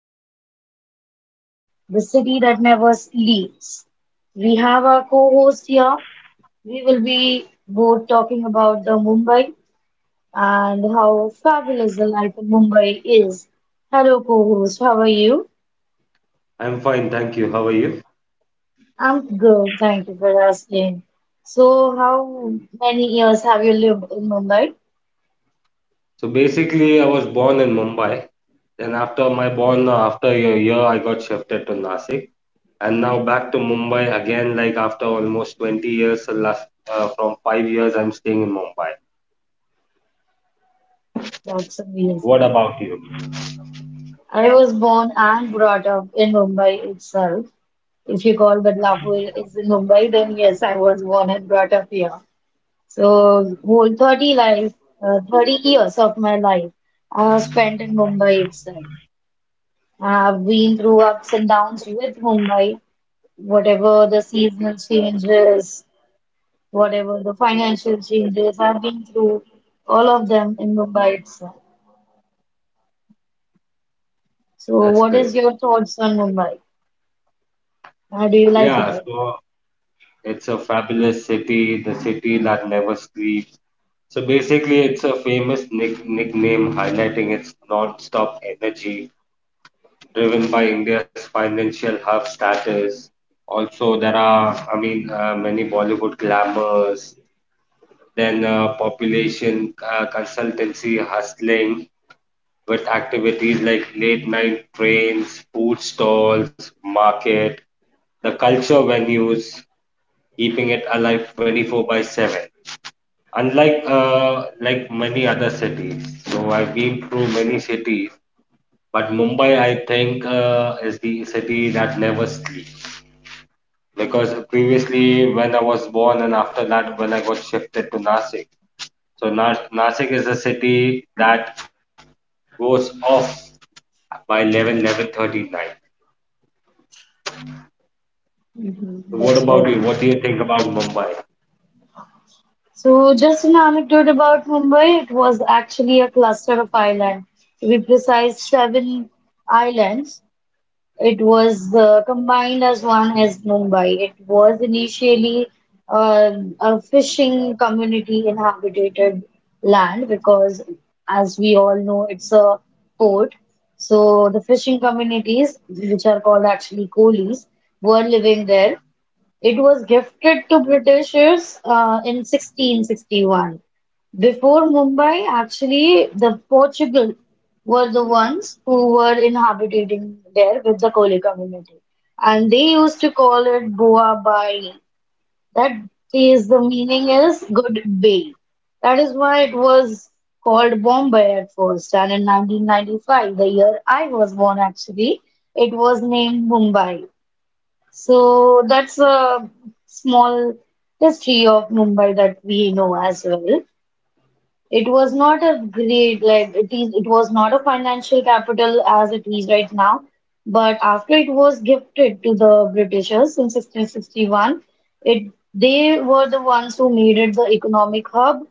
about Mumbai, the city that never sleeps. We have our co-host here. We will be both talking about the Mumbai and how fabulous the life in Mumbai is. Hello co-host, how are you? I'm fine, thank you. How are you? I'm good, thank you for asking. So how many years have you lived in Mumbai? So basically, I was born in Mumbai. Then after my born, after a year, I got shifted to Nasik, and now back to Mumbai again. Like after almost 20 years, last from 5 years, I'm staying in Mumbai. That's What amazing. about you? I was born and brought up in Mumbai itself. If you call Badlapur is in Mumbai, then yes, I was born and brought up here. So 30 years of my life I have spent in Mumbai itself. I've been through ups and downs with Mumbai, whatever the seasonal changes, whatever the financial changes, I've been through all of them in Mumbai itself. That's So great. what is your thoughts on Mumbai? How do you like Yeah, it here? so it's a fabulous city, the city that never sleeps. So basically, it's a famous nickname highlighting its non-stop energy driven by India's financial hub status. Also, there are, I mean, many Bollywood glamours, then population consultancy hustling with activities like late night trains, food stalls, market, the culture venues, keeping it alive 24 by 7. Unlike like many other cities, so I've been through many cities, but Mumbai, I think, is the city that never sleeps, because previously when I was born and after that when I got shifted to Nasik. So Nasik is a city that goes off by 11, 11:30 night. Mhm, So what that's about right. you? What do you think about Mumbai? So, just an anecdote about Mumbai, it was actually a cluster of islands. To be precise, seven islands. It was combined as one as Mumbai. It was initially a fishing community inhabited land because, as we all know, it's a port. So, the fishing communities, which are called actually coolies, were living there. It was gifted to Britishers in 1661. Before Mumbai, actually, the Portugal were the ones who were inhabiting there with the Koli community. And they used to call it Boa Bai. That is the meaning is good bay. That is why it was called Bombay at first. And in 1995, the year I was born actually, it was named Mumbai. So that's a small history of Mumbai that we know as well. It was not a great like it is it was not a financial capital as it is right now, but after it was gifted to the Britishers in 1661, it they were the ones who made it the economic hub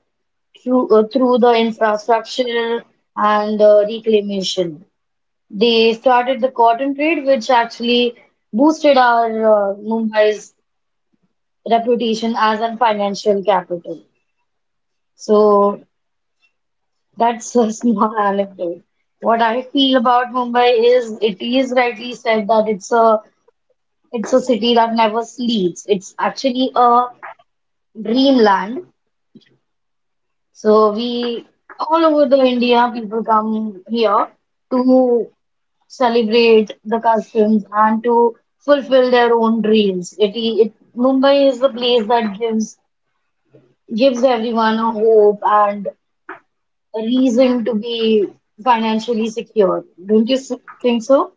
through through the infrastructure and reclamation. They started the cotton trade, which actually boosted our Mumbai's reputation as a financial capital. So that's a small anecdote. What I feel about Mumbai is it is rightly said that it's a city that never sleeps. It's actually a dreamland. So we all over the India people come here to celebrate the customs and to fulfill their own dreams. It Mumbai is the place that gives everyone a hope and a reason to be financially secure. Don't you think so?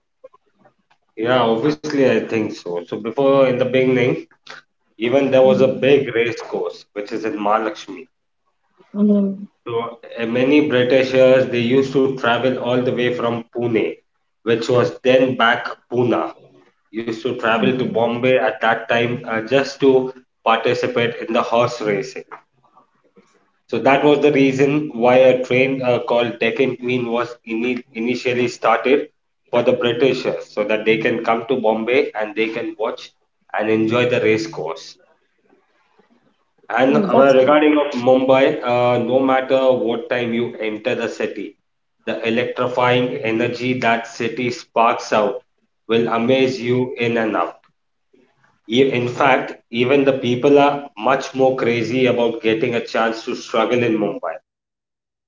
Yeah, obviously I think so. So before in the beginning, even there was a Mm-hmm. big race course which is in Mahalakshmi. Mm-hmm. So many Britishers they used to travel all the way from Pune, which was then back Pune, used to travel to Hmm. Bombay at that time just to participate in the horse racing. So that was the reason why a train called Deccan Queen was initially started for the Britishers, so that they can come to Bombay and they can watch and enjoy the race course. And Oh, that's regarding amazing. of Mumbai, no matter what time you enter the city, the electrifying energy that city sparks out will amaze you in and out. In fact, even the people are much more crazy about getting a chance to struggle in Mumbai.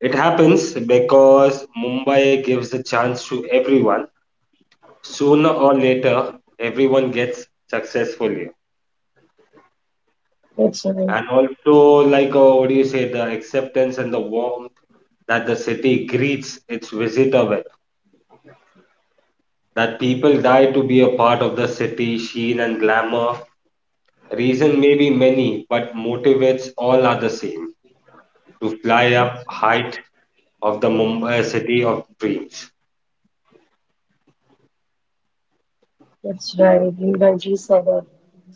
It happens because Mumbai gives a chance to everyone. Sooner or later, everyone gets successful here. That's amazing. And also, like, what do you say, the acceptance and the warmth that the city greets its visitor with, that people die to be a part of the city, sheen and glamour. Reason may be many, but motivates all are the same to fly up That's amazing. height of the Mumbai city of dreams. That's right, you rightly said it.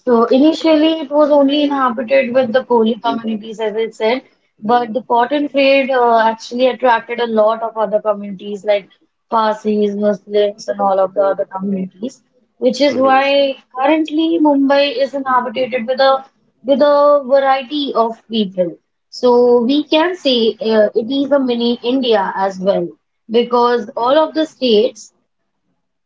So initially, it was only inhabited with the Kohli communities, as I said, but the cotton trade actually attracted a lot of other communities like Parsis, Muslims, and all of the other communities, which is Mhm. why currently Mumbai is inhabited with a variety of people. So we can say it is a mini India as well, because all of the states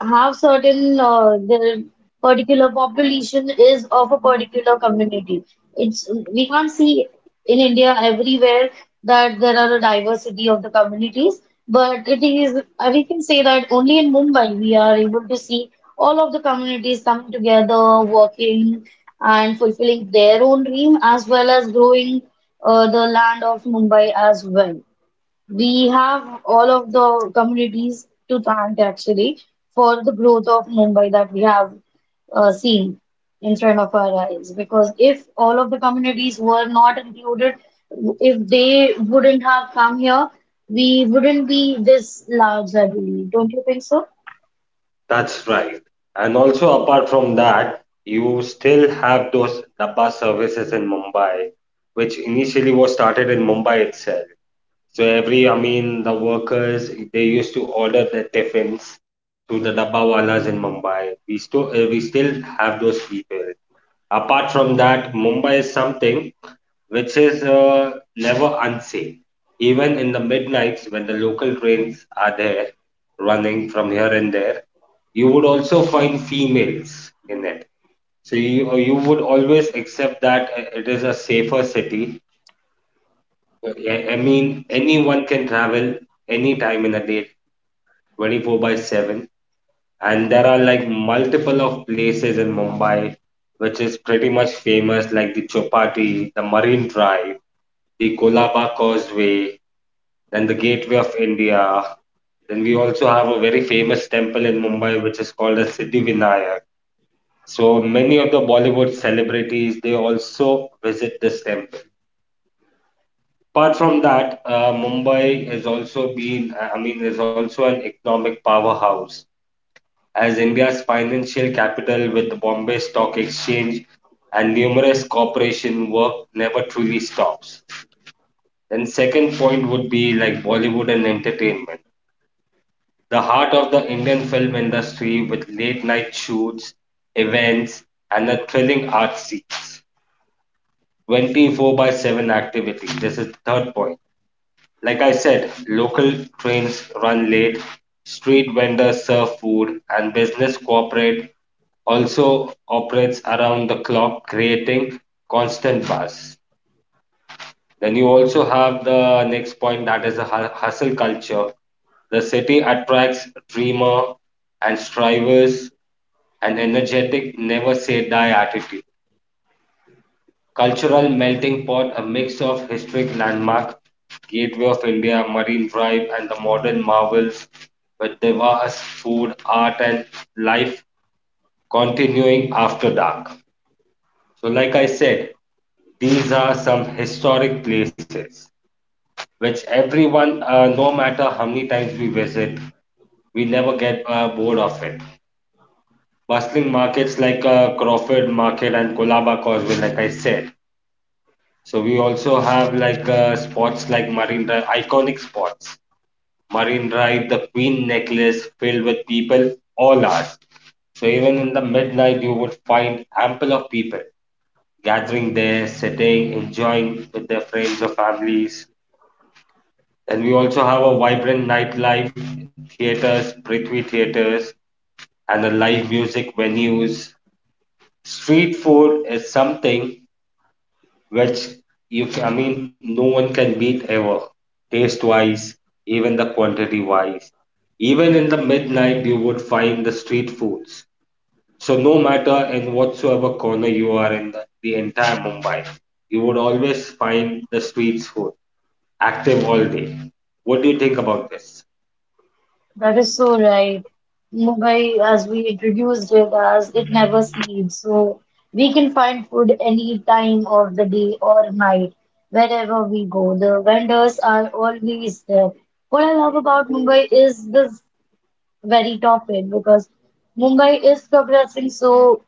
have certain the particular population is of a particular community. It's we can't see in India everywhere that there are a diversity of the communities, but it is we can say that only in Mumbai we are able to see all of the communities coming together, working and fulfilling their own dream as well as growing the land of Mumbai as well. We have all of the communities to thank actually for the growth of Mumbai that we have seen in front of our eyes. Because if all of the communities were not included, if they wouldn't have come here, we wouldn't be this large, I believe. Don't you think so? That's right. And also, apart from that, you still have those Dabba services in Mumbai, which initially was started in Mumbai itself. So every, I mean, the workers, they used to order their tiffins to the Dabbawalas in Mumbai. We still have those people. Apart from that, Mumbai is something which is never unsafe. Even in the midnights when the local trains are there running from here and there, you would also find females in it. So you would always accept that it is a safer city. I mean, anyone can travel any time in a day, 24 by 7. And there are like multiple of places in Mumbai which is pretty much famous, like the Chopati, the Marine Drive, the Kolaba Causeway, then the Gateway of India. Then we also have a very famous temple in Mumbai which is called as Siddhivinayak. So many of the Bollywood celebrities they also visit this temple. Apart from that, Mumbai has also been, I mean, is also an economic powerhouse as India's financial capital with the Bombay Stock Exchange and numerous corporation work never truly stops. Then second point would be like Bollywood and entertainment, the heart of the Indian film industry with late night shoots, events, and the thrilling art scenes. 24 by 7 activity. This is the third point. Like I said, local trains run late, street vendors serve food, and business cooperate also operates around the clock, creating constant buzz. Then you also have the next point that is a hustle culture. The city attracts dreamer and strivers an energetic, never say die attitude. Cultural melting pot, a mix of historic landmark, Gateway of India, Marine Drive, and the modern marvels with diverse food, art, and life continuing after dark. So, like I said, these are some historic places, which everyone, no matter how many times we visit, we never get bored of it. Bustling markets like Crawford Market and Colaba Causeway, like I said. So we also have like spots like Marine Drive, iconic spots. Marine Drive, the Queen Necklace, filled with people all hours. So even in the midnight, you would find ample of people gathering there, sitting, enjoying with their friends or families. And we also have a vibrant nightlife, theaters, Prithvi theaters, and the live music venues. Street food is something which you can, I mean, no one can beat ever, taste wise, even the quantity wise. Even in the midnight, you would find the street foods. So, no matter in whatsoever corner you are in the entire Mumbai, you would always find the street food active all day. What do you think about this? That is so right. Mumbai, as we introduced it as, it never sleeps. So we can find food any time of the day or night, wherever we go. The vendors are always there. What I love about Mumbai is this very top end because Mumbai is progressing so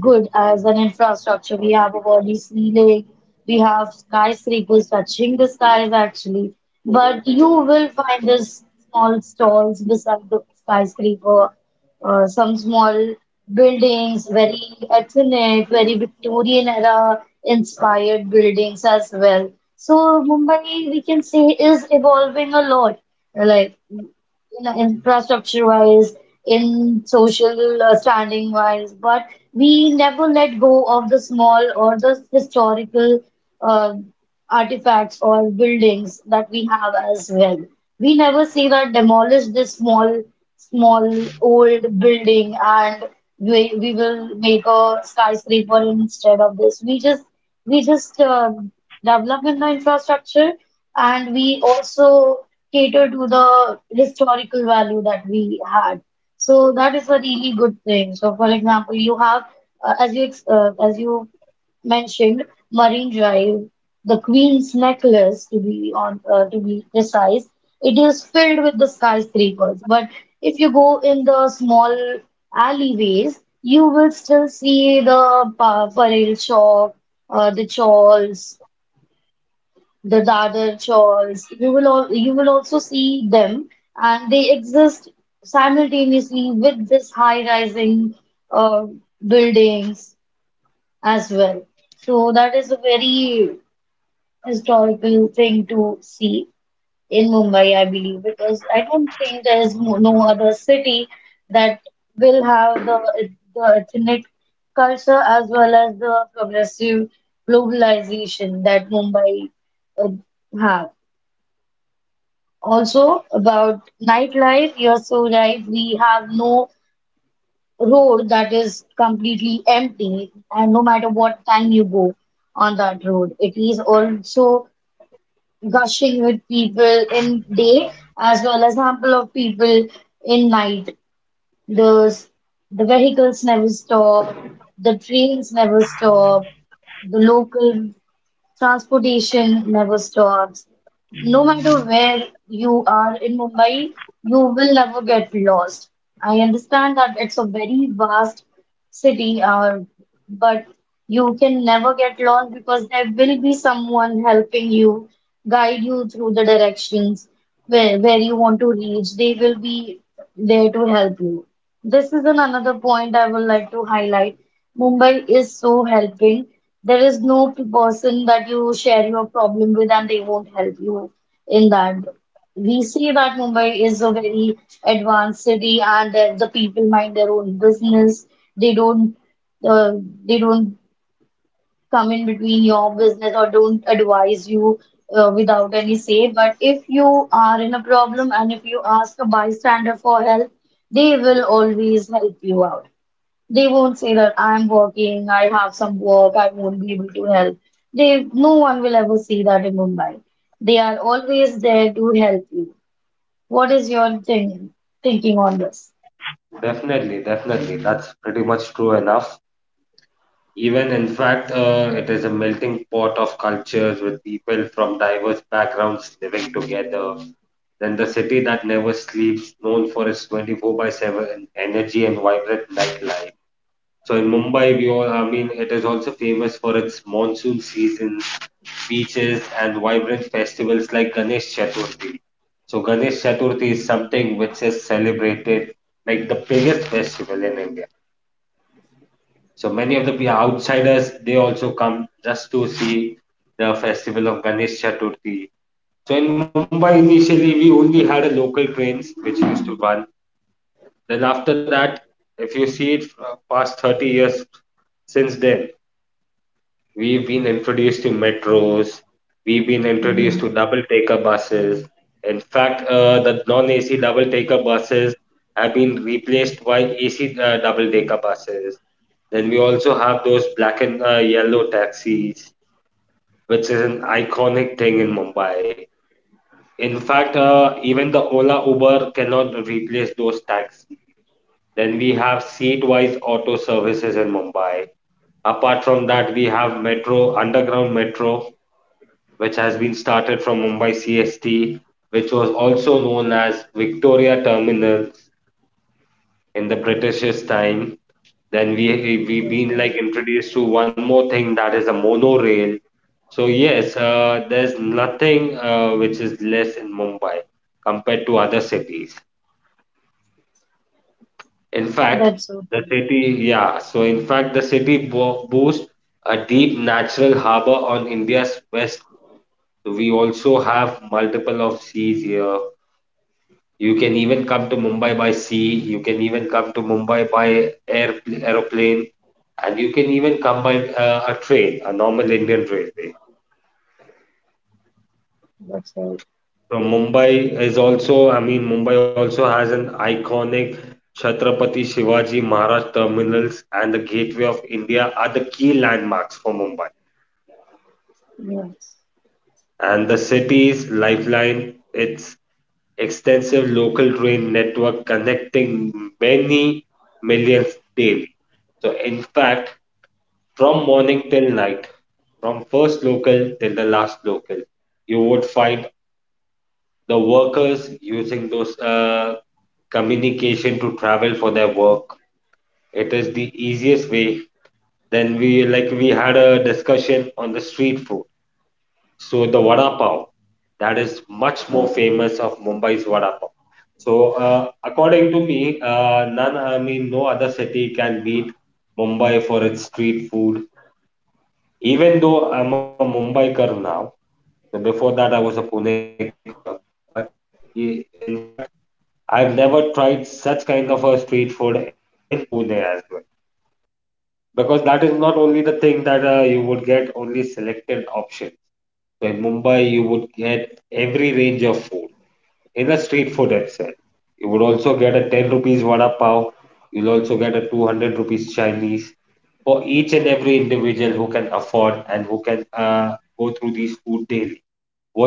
good as an infrastructure. We have a body ceiling, we have skyscrapers touching the skies actually. But you will find these small stalls beside the skyscraper, some small buildings, very ethnic, very Victorian era inspired buildings as well. So Mumbai, we can say, is evolving a lot. Like in infrastructure wise, in social standing wise, but we never let go of the small or the historical uh, artifacts or buildings that we have as well. We never say that demolish this small, small old building and we will make a skyscraper instead of this. We just we just um develop in the infrastructure and we also cater to the historical value that we had. So that is a really good thing. So for example, you have as you mentioned Marine Drive, the Queen's Necklace to be precise. It is filled with the skyscrapers, but if you go in the small alleyways, you will still see the pa Parel shop, the Chawls, the Dadar Chawls. You will also see them, and they exist simultaneously with this high-rising uh, buildings as well. So that is a very historical thing to see in Mumbai, I believe, because I don't think there is no other city that will have the ethnic culture as well as the progressive globalization that Mumbai uh, have. Also about nightlife, you're so right. We have no road that is completely empty, and no matter what time you go on that road, it is also gushing with people in day as well as ample of people in night. Those the vehicles never stop, the trains never stop, the local transportation never stops. No matter where you are in Mumbai, you will never get lost. I understand that it's a very vast city, but you can never get lost because there will be someone helping you, guide you through the directions where you want to reach. They will be there to help you. This is an another point I would like to highlight. Mumbai is so helping. There is no person that you share your problem with and they won't help you in that we see that Mumbai is a very advanced city and that the people mind their own business. They don't uh, they don't come in between your business or don't advise you without any say. But if you are in a problem and if you ask a bystander for help, they will always help you out. They won't say that I'm working, I have some work, I won't be able to help. They no one will ever see that in Mumbai. They are always there to help you. What is your thinking on this? Definitely, definitely. That's pretty much true enough. Even in fact, it is a melting pot of cultures with people from diverse backgrounds living together. Then the city that never sleeps, known for its 24 by 7 energy and vibrant nightlife. So in Mumbai, we all, I mean, it is also famous for its monsoon season, beaches, and vibrant festivals like Ganesh Chaturthi. So Ganesh Chaturthi is something which is celebrated like the biggest festival in India. So many of the outsiders, they also come just to see the festival of Ganesh Chaturthi. So in Mumbai, initially, we only had a local trains which used to run. Then after that, if you see it past 30 years since then, we've been introduced to metros, we've been introduced to Mhm. double decker buses. In fact, the non AC double decker buses have been replaced by AC double decker buses. Then we also have those black and yellow taxis, which is an iconic thing in Mumbai. In fact, even the Ola Uber cannot replace those taxis. Then we have seat-wise auto services in Mumbai. Apart from that, we have metro, underground metro, which has been started from Mumbai CST, which was also known as Victoria Terminal in the British's time. Then we That's been right. like introduced to one more thing that is a monorail. So yes, there's nothing which is less in Mumbai compared to other cities. In fact, That's so the true. city, yeah. So in fact, the city bo boasts a deep natural harbor on India's west coast. So we also have multiple of seas here. You can even come to Mumbai by sea, you can even come to Mumbai by air, aeroplane, and you can even come by a train, a normal Indian railway. That's right. From Mumbai is also, I mean, Mumbai also has an iconic Chhatrapati Shivaji Maharaj terminals and the Gateway of India are the key landmarks for Mumbai. Yes. And the city's lifeline, its extensive local train network connecting many millions daily. So, in fact, from morning till night, from first local till the last local, you would find the workers using those communication to travel for their work. It is the easiest way. Then we had a discussion on the street food. So the vada pav, that is much more famous of Mumbai's vada pav. So according to me, none I mean no other city can beat Mumbai for its street food even though I'm a Mumbaikar now. So before that, I was a Pune. But in fact, I've never tried such kind of a street food in Pune as well. Because that is not only the thing that you would get only selected options. So in Mumbai, you would get every range of food in a street food itself. You would also get a 10 rupees vada pav. You'll also get a 200 rupees Chinese for each and every individual who can afford and who can go through these food daily.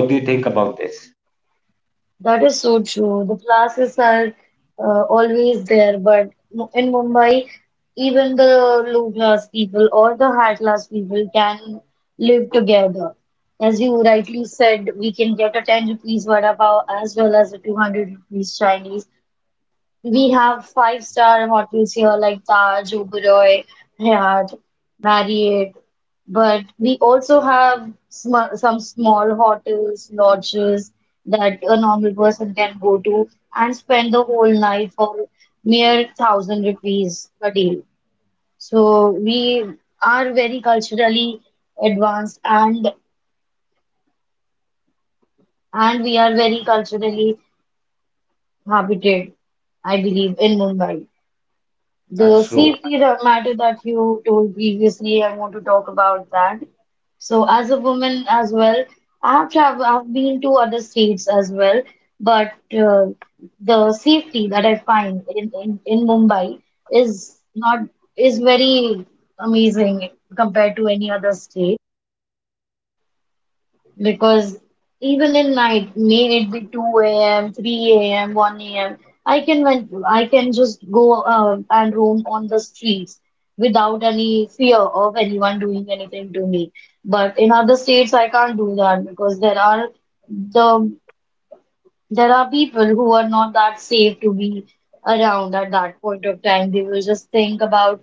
What do you think about this? That is so true. The classes are always there, but in Mumbai, even the low class people or the high class people can live together. As you rightly said, we can get a 10 rupees vada pav as well as a 200 rupees Chinese. We have five-star hotels here like Taj, Oberoi, Hyatt, Marriott, but we also have sm some small hotels, lodges that a normal person can go to and spend the whole night for mere thousand rupees a day. So we are very culturally advanced and we are very culturally habited, I believe, in Mumbai. The safety That's true. matter that you told previously, I want to talk about that. So, as a woman as well, I have traveled, I've been to other states as well, but uh, the safety that I find in Mumbai is not is very amazing compared to any other state. Because even in night, may it be 2 a.m., 3 a.m., 1 a.m., I can just go and roam on the streets without any fear of anyone doing anything to me. But in other states, I can't do that because the there are people who are not that safe to be around at that point of time.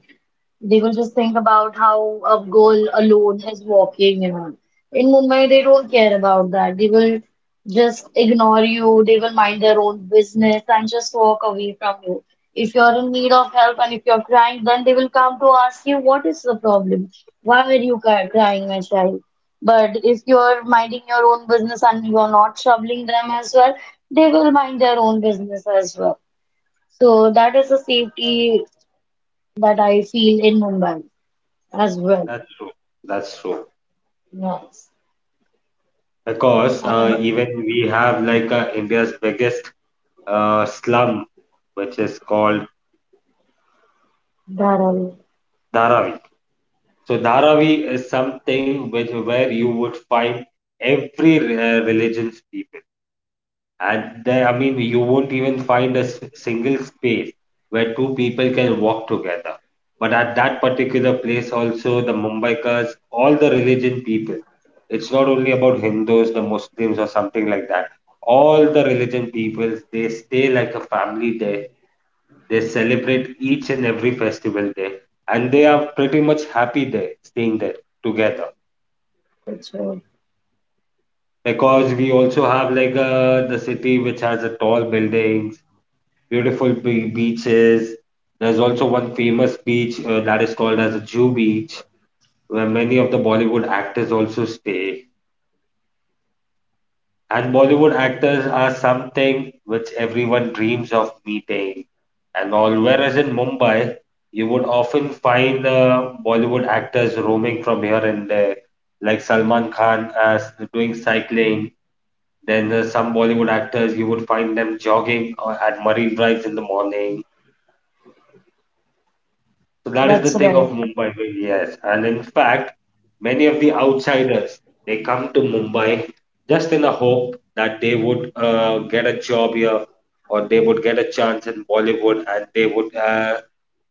They will just think about how a girl alone is walking, you know. In Mumbai, they don't care about that. They will just ignore you. They will mind their own business and just walk away from you. If you're in need of help and if you're crying, then they will come to ask you, what is the problem? Why were you crying, my child? But if you're minding your own business and you're not troubling them as well, they will mind their own business as well. So that is the safety that I feel in Mumbai as well. That's true. That's true. Yes, Because and even we have like India's biggest slum, which is called that all. Dharavi. So Dharavi is something which where you would find every religion's people. And there, I mean, you won't even find a single space where two people can walk together. But at that particular place, also, the Mumbaikas, all the religion people, it's not only about Hindus, the Muslims, or something like that. All the religion peoples, they stay like a family there. They celebrate each and every festival there. And they are pretty much happy there, staying there together. That's right. Because we also have like the city which has a tall buildings beautiful beaches. There's also one famous beach that is called as a Jew Beach, where many of the Bollywood actors also stay. And Bollywood actors are something which everyone dreams of meeting. And all, whereas in Mumbai, you would often find Bollywood actors roaming from here and there, like Salman Khan as doing cycling. Then some Bollywood actors, you would find them jogging at Marine Drives in the morning. So that is the That's thing of right. Mumbai, yes. And in fact, many of the outsiders they come to Mumbai just in the hope that they would get a job here, or they would get a chance in Bollywood and they would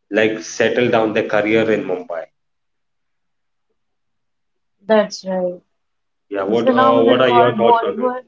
like settle down their career in Mumbai. That's right. Yeah, The what phenomenon are your called thoughts on it? Bollywood.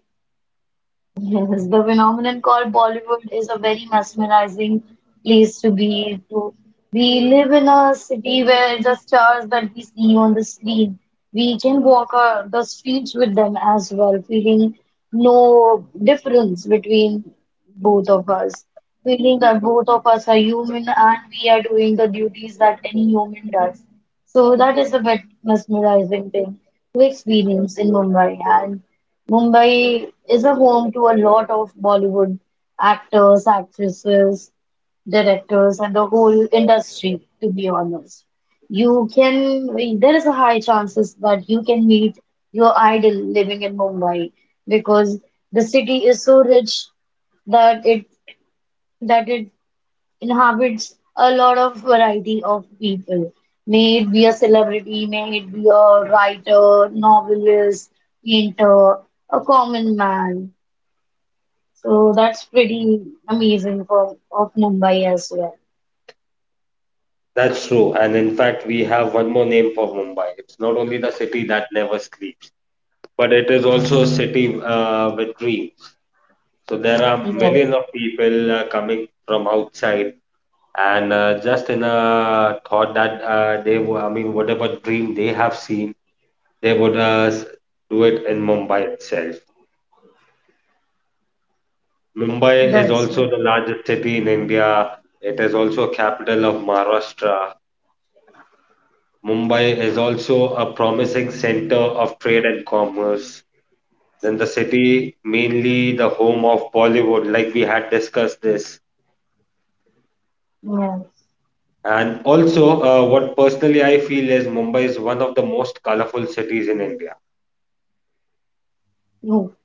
Yes, the phenomenon called Bollywood is a very mesmerizing place to be to. We live in a city where the stars that we see on the screen, we can walk the streets with them as well, feeling no difference between both of us, feeling that both of us are human and we are doing the duties that any human does. So that is a bit mesmerizing thing to experience in Mumbai. And Mumbai is a home to a lot of Bollywood actors, actresses, directors, and the whole industry, to be honest. You can, I mean, there is a high chances that you can meet your idol living in Mumbai because the city is so rich that it that it inhabits a lot of variety of people. May it be a celebrity, may it be a writer, novelist, painter, a common man. So that's pretty amazing for of Mumbai as well. That's true. And in fact, we have one more name for Mumbai. It's not only the city that never sleeps, but it is also a city with dreams. So there are Yes, millions of people coming from outside, and just in a thought that they were, I mean, whatever dream they have seen, they would do it in Mumbai itself. Mumbai is that's also the okay. largest city in India. It is also a capital of Maharashtra. Mumbai is also a promising center of trade and commerce. Then the city, mainly the home of Bollywood, like we had discussed this. Yes. And also, what personally I feel is Mumbai is one of the most colorful cities in India. No,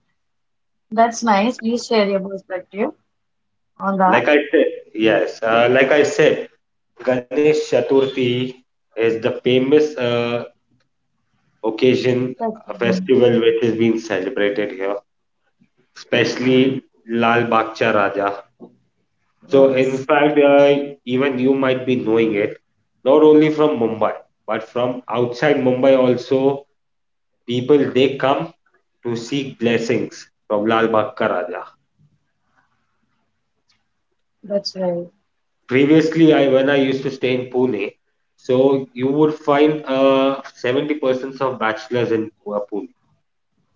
that's nice. Please share your perspective on that. Like I said, yes, like I said, Ganesh Chaturthi is the famous occasion, That's a good. festival which is being celebrated here, especially Lal Bagcha Raja. So, in Yes, fact, even you might be knowing it, not only from Mumbai, but from outside Mumbai also, people they come to seek blessings from Lal Bagcha Raja. that's right. Previously, I when I used to stay in Pune, so you would find 70% of bachelors in Pune.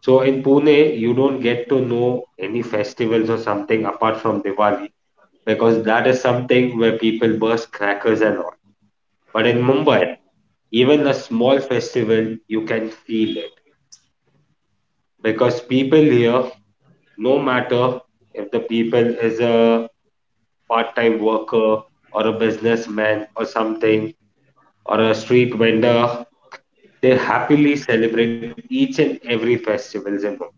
So in Pune, you don't get to know any festivals or something apart from Diwali, because that is something where people burst crackers and all. But in Mumbai, even a small festival, you can feel it, because people here, no matter if the people is a part-time worker or a businessman or something or a street vendor, they happily celebrate each and every festivals in Mumbai.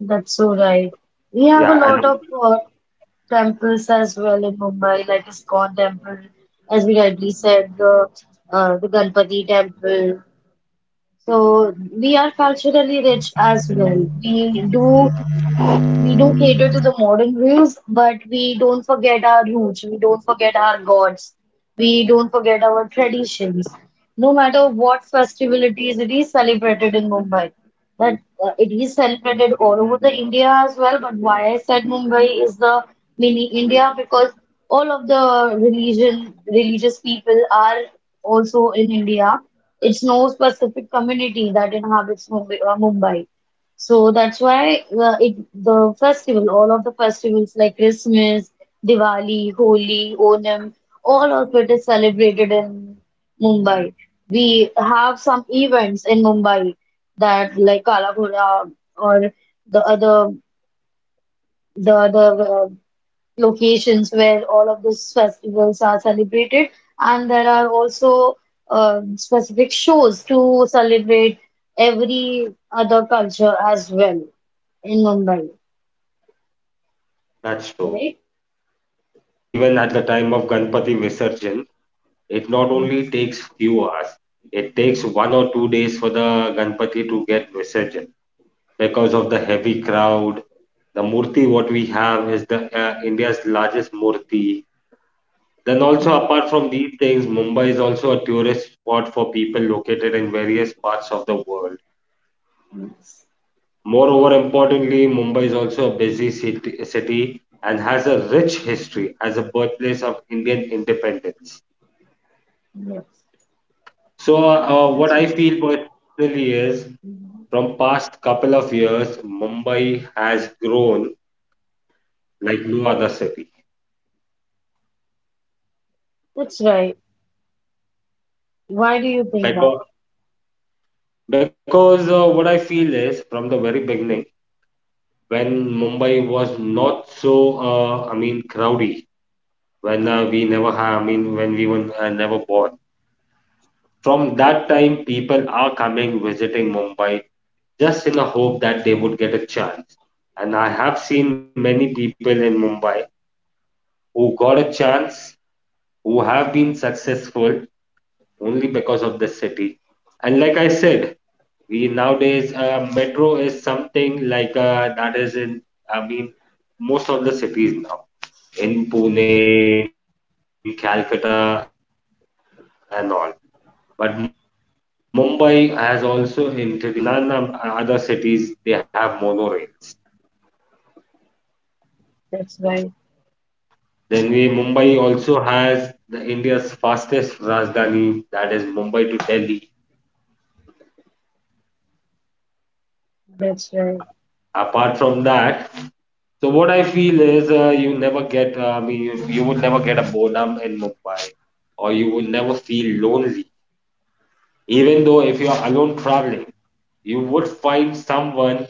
That's so right. We have a Yeah, and lot of temples as well in Mumbai, like ISKCON temple, as we rightly said, the Ganpati temple. So we are culturally rich as well. We do cater to the modern rules, but we don't forget our roots. We don't forget our gods. We don't forget our traditions. No matter what festivities it is celebrated in Mumbai, but it is celebrated all over the India as well. But why I said Mumbai is the mini India because all of the religion religious people are also in India. It's no specific community that inhabits Mumbai. So that's why all of the festivals like Christmas, Diwali, Holi, Onam, all of it is celebrated in Mumbai. We have some events in Mumbai that like Kala Ghoda or the other the other locations where all of these festivals are celebrated, and there are also specific shows to celebrate every other culture as well in Mumbai, that's right? true. Because even at the time of Ganpati Visarjan, it not only Yes, takes few hours, it takes 1 or 2 days for the Ganpati to get Visarjan because of the heavy crowd. The Murti what we have is the India's largest Murti. Then also yes, apart from these things, Mumbai is also a tourist spot for people located in various parts of the world. yes. Moreover, importantly, Mumbai is also a busy city and has a rich history as a birthplace of Indian independence. Yes. So, what That's I okay. feel personally is from past couple of years, Mumbai has grown like no other city. That's right. Why do you think that? Because, because what I feel is from the very beginning, when Mumbai was not so, I mean, crowdy, when we never have, I mean, when we were never born. From that time, people are coming visiting Mumbai just in a hope that they would get a chance. And I have seen many people in Mumbai who got a chance, who have been successful only because of this city. And like I said, we nowadays metro is something like that is in, I mean, most of the cities now, in Pune, in Calcutta, and all. But Mumbai has also introduced monorail, which I think so none of other cities they have monorails. That's right. Then we, Mumbai also has the India's fastest Rajdhani, that is Mumbai to Delhi. That's right. Apart from that, so what I feel is you never get, I mean, you would never get a boredom in Mumbai, or you would never feel lonely. Even though if you are alone traveling, you would find someone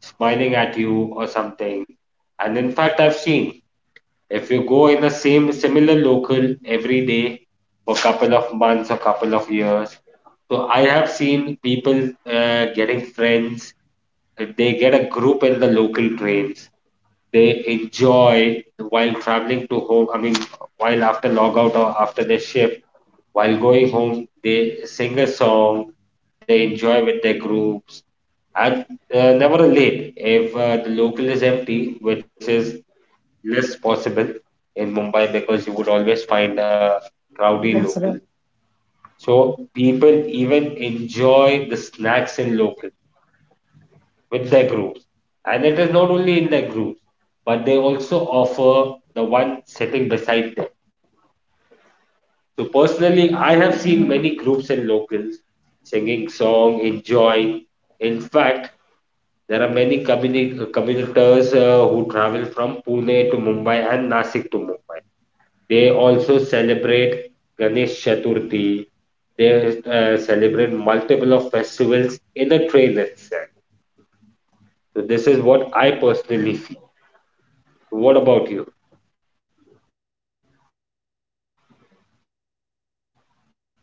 smiling at you or something. And in fact, I've seen, if you go in the same similar local every day for couple of months or couple of years, so I have seen people getting friends. They get a group in the local trains. They enjoy while traveling to home. I mean, while after log out or after their shift, while going home, they sing a song. They enjoy with their groups and never late. If the local is empty, which is less possible in Mumbai because you would always find a rowdy local. So That's right. people even enjoy the snacks in local with their groups. And it is not only in their groups, but they also offer the one sitting beside them. So personally, I have seen many groups in locals singing song, enjoying. In fact, there are many commuters who travel from Pune to Mumbai and Nasik to Mumbai. They also celebrate Ganesh Chaturthi. They celebrate multiple of festivals in the train itself. So this is what I personally feel. So what about you?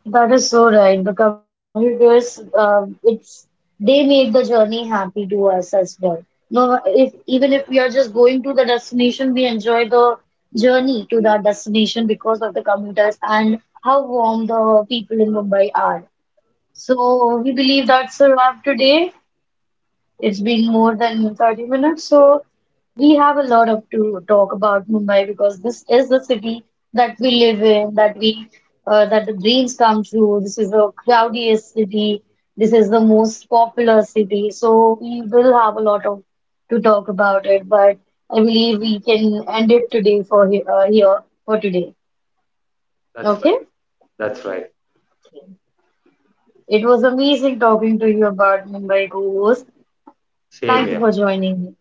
That is so right. The commuters, it's they make the journey happy to us as well. No, if even if we are just going to the destination, we enjoy the journey to that destination because of the commuters and how warm the people in Mumbai are. So we believe that's a wrap today. It's been more than 30 minutes, so we have a lot of to talk about Mumbai because this is the city that we live in, that we that the dreams come true. This is the crowdiest city. This is the most popular city. So we will have a lot of to talk about it, but I believe we can end it today for here for today. Okay? That's right. That's right. It was amazing talking to you about Mumbai co-host. Same Thank you for here. joining me.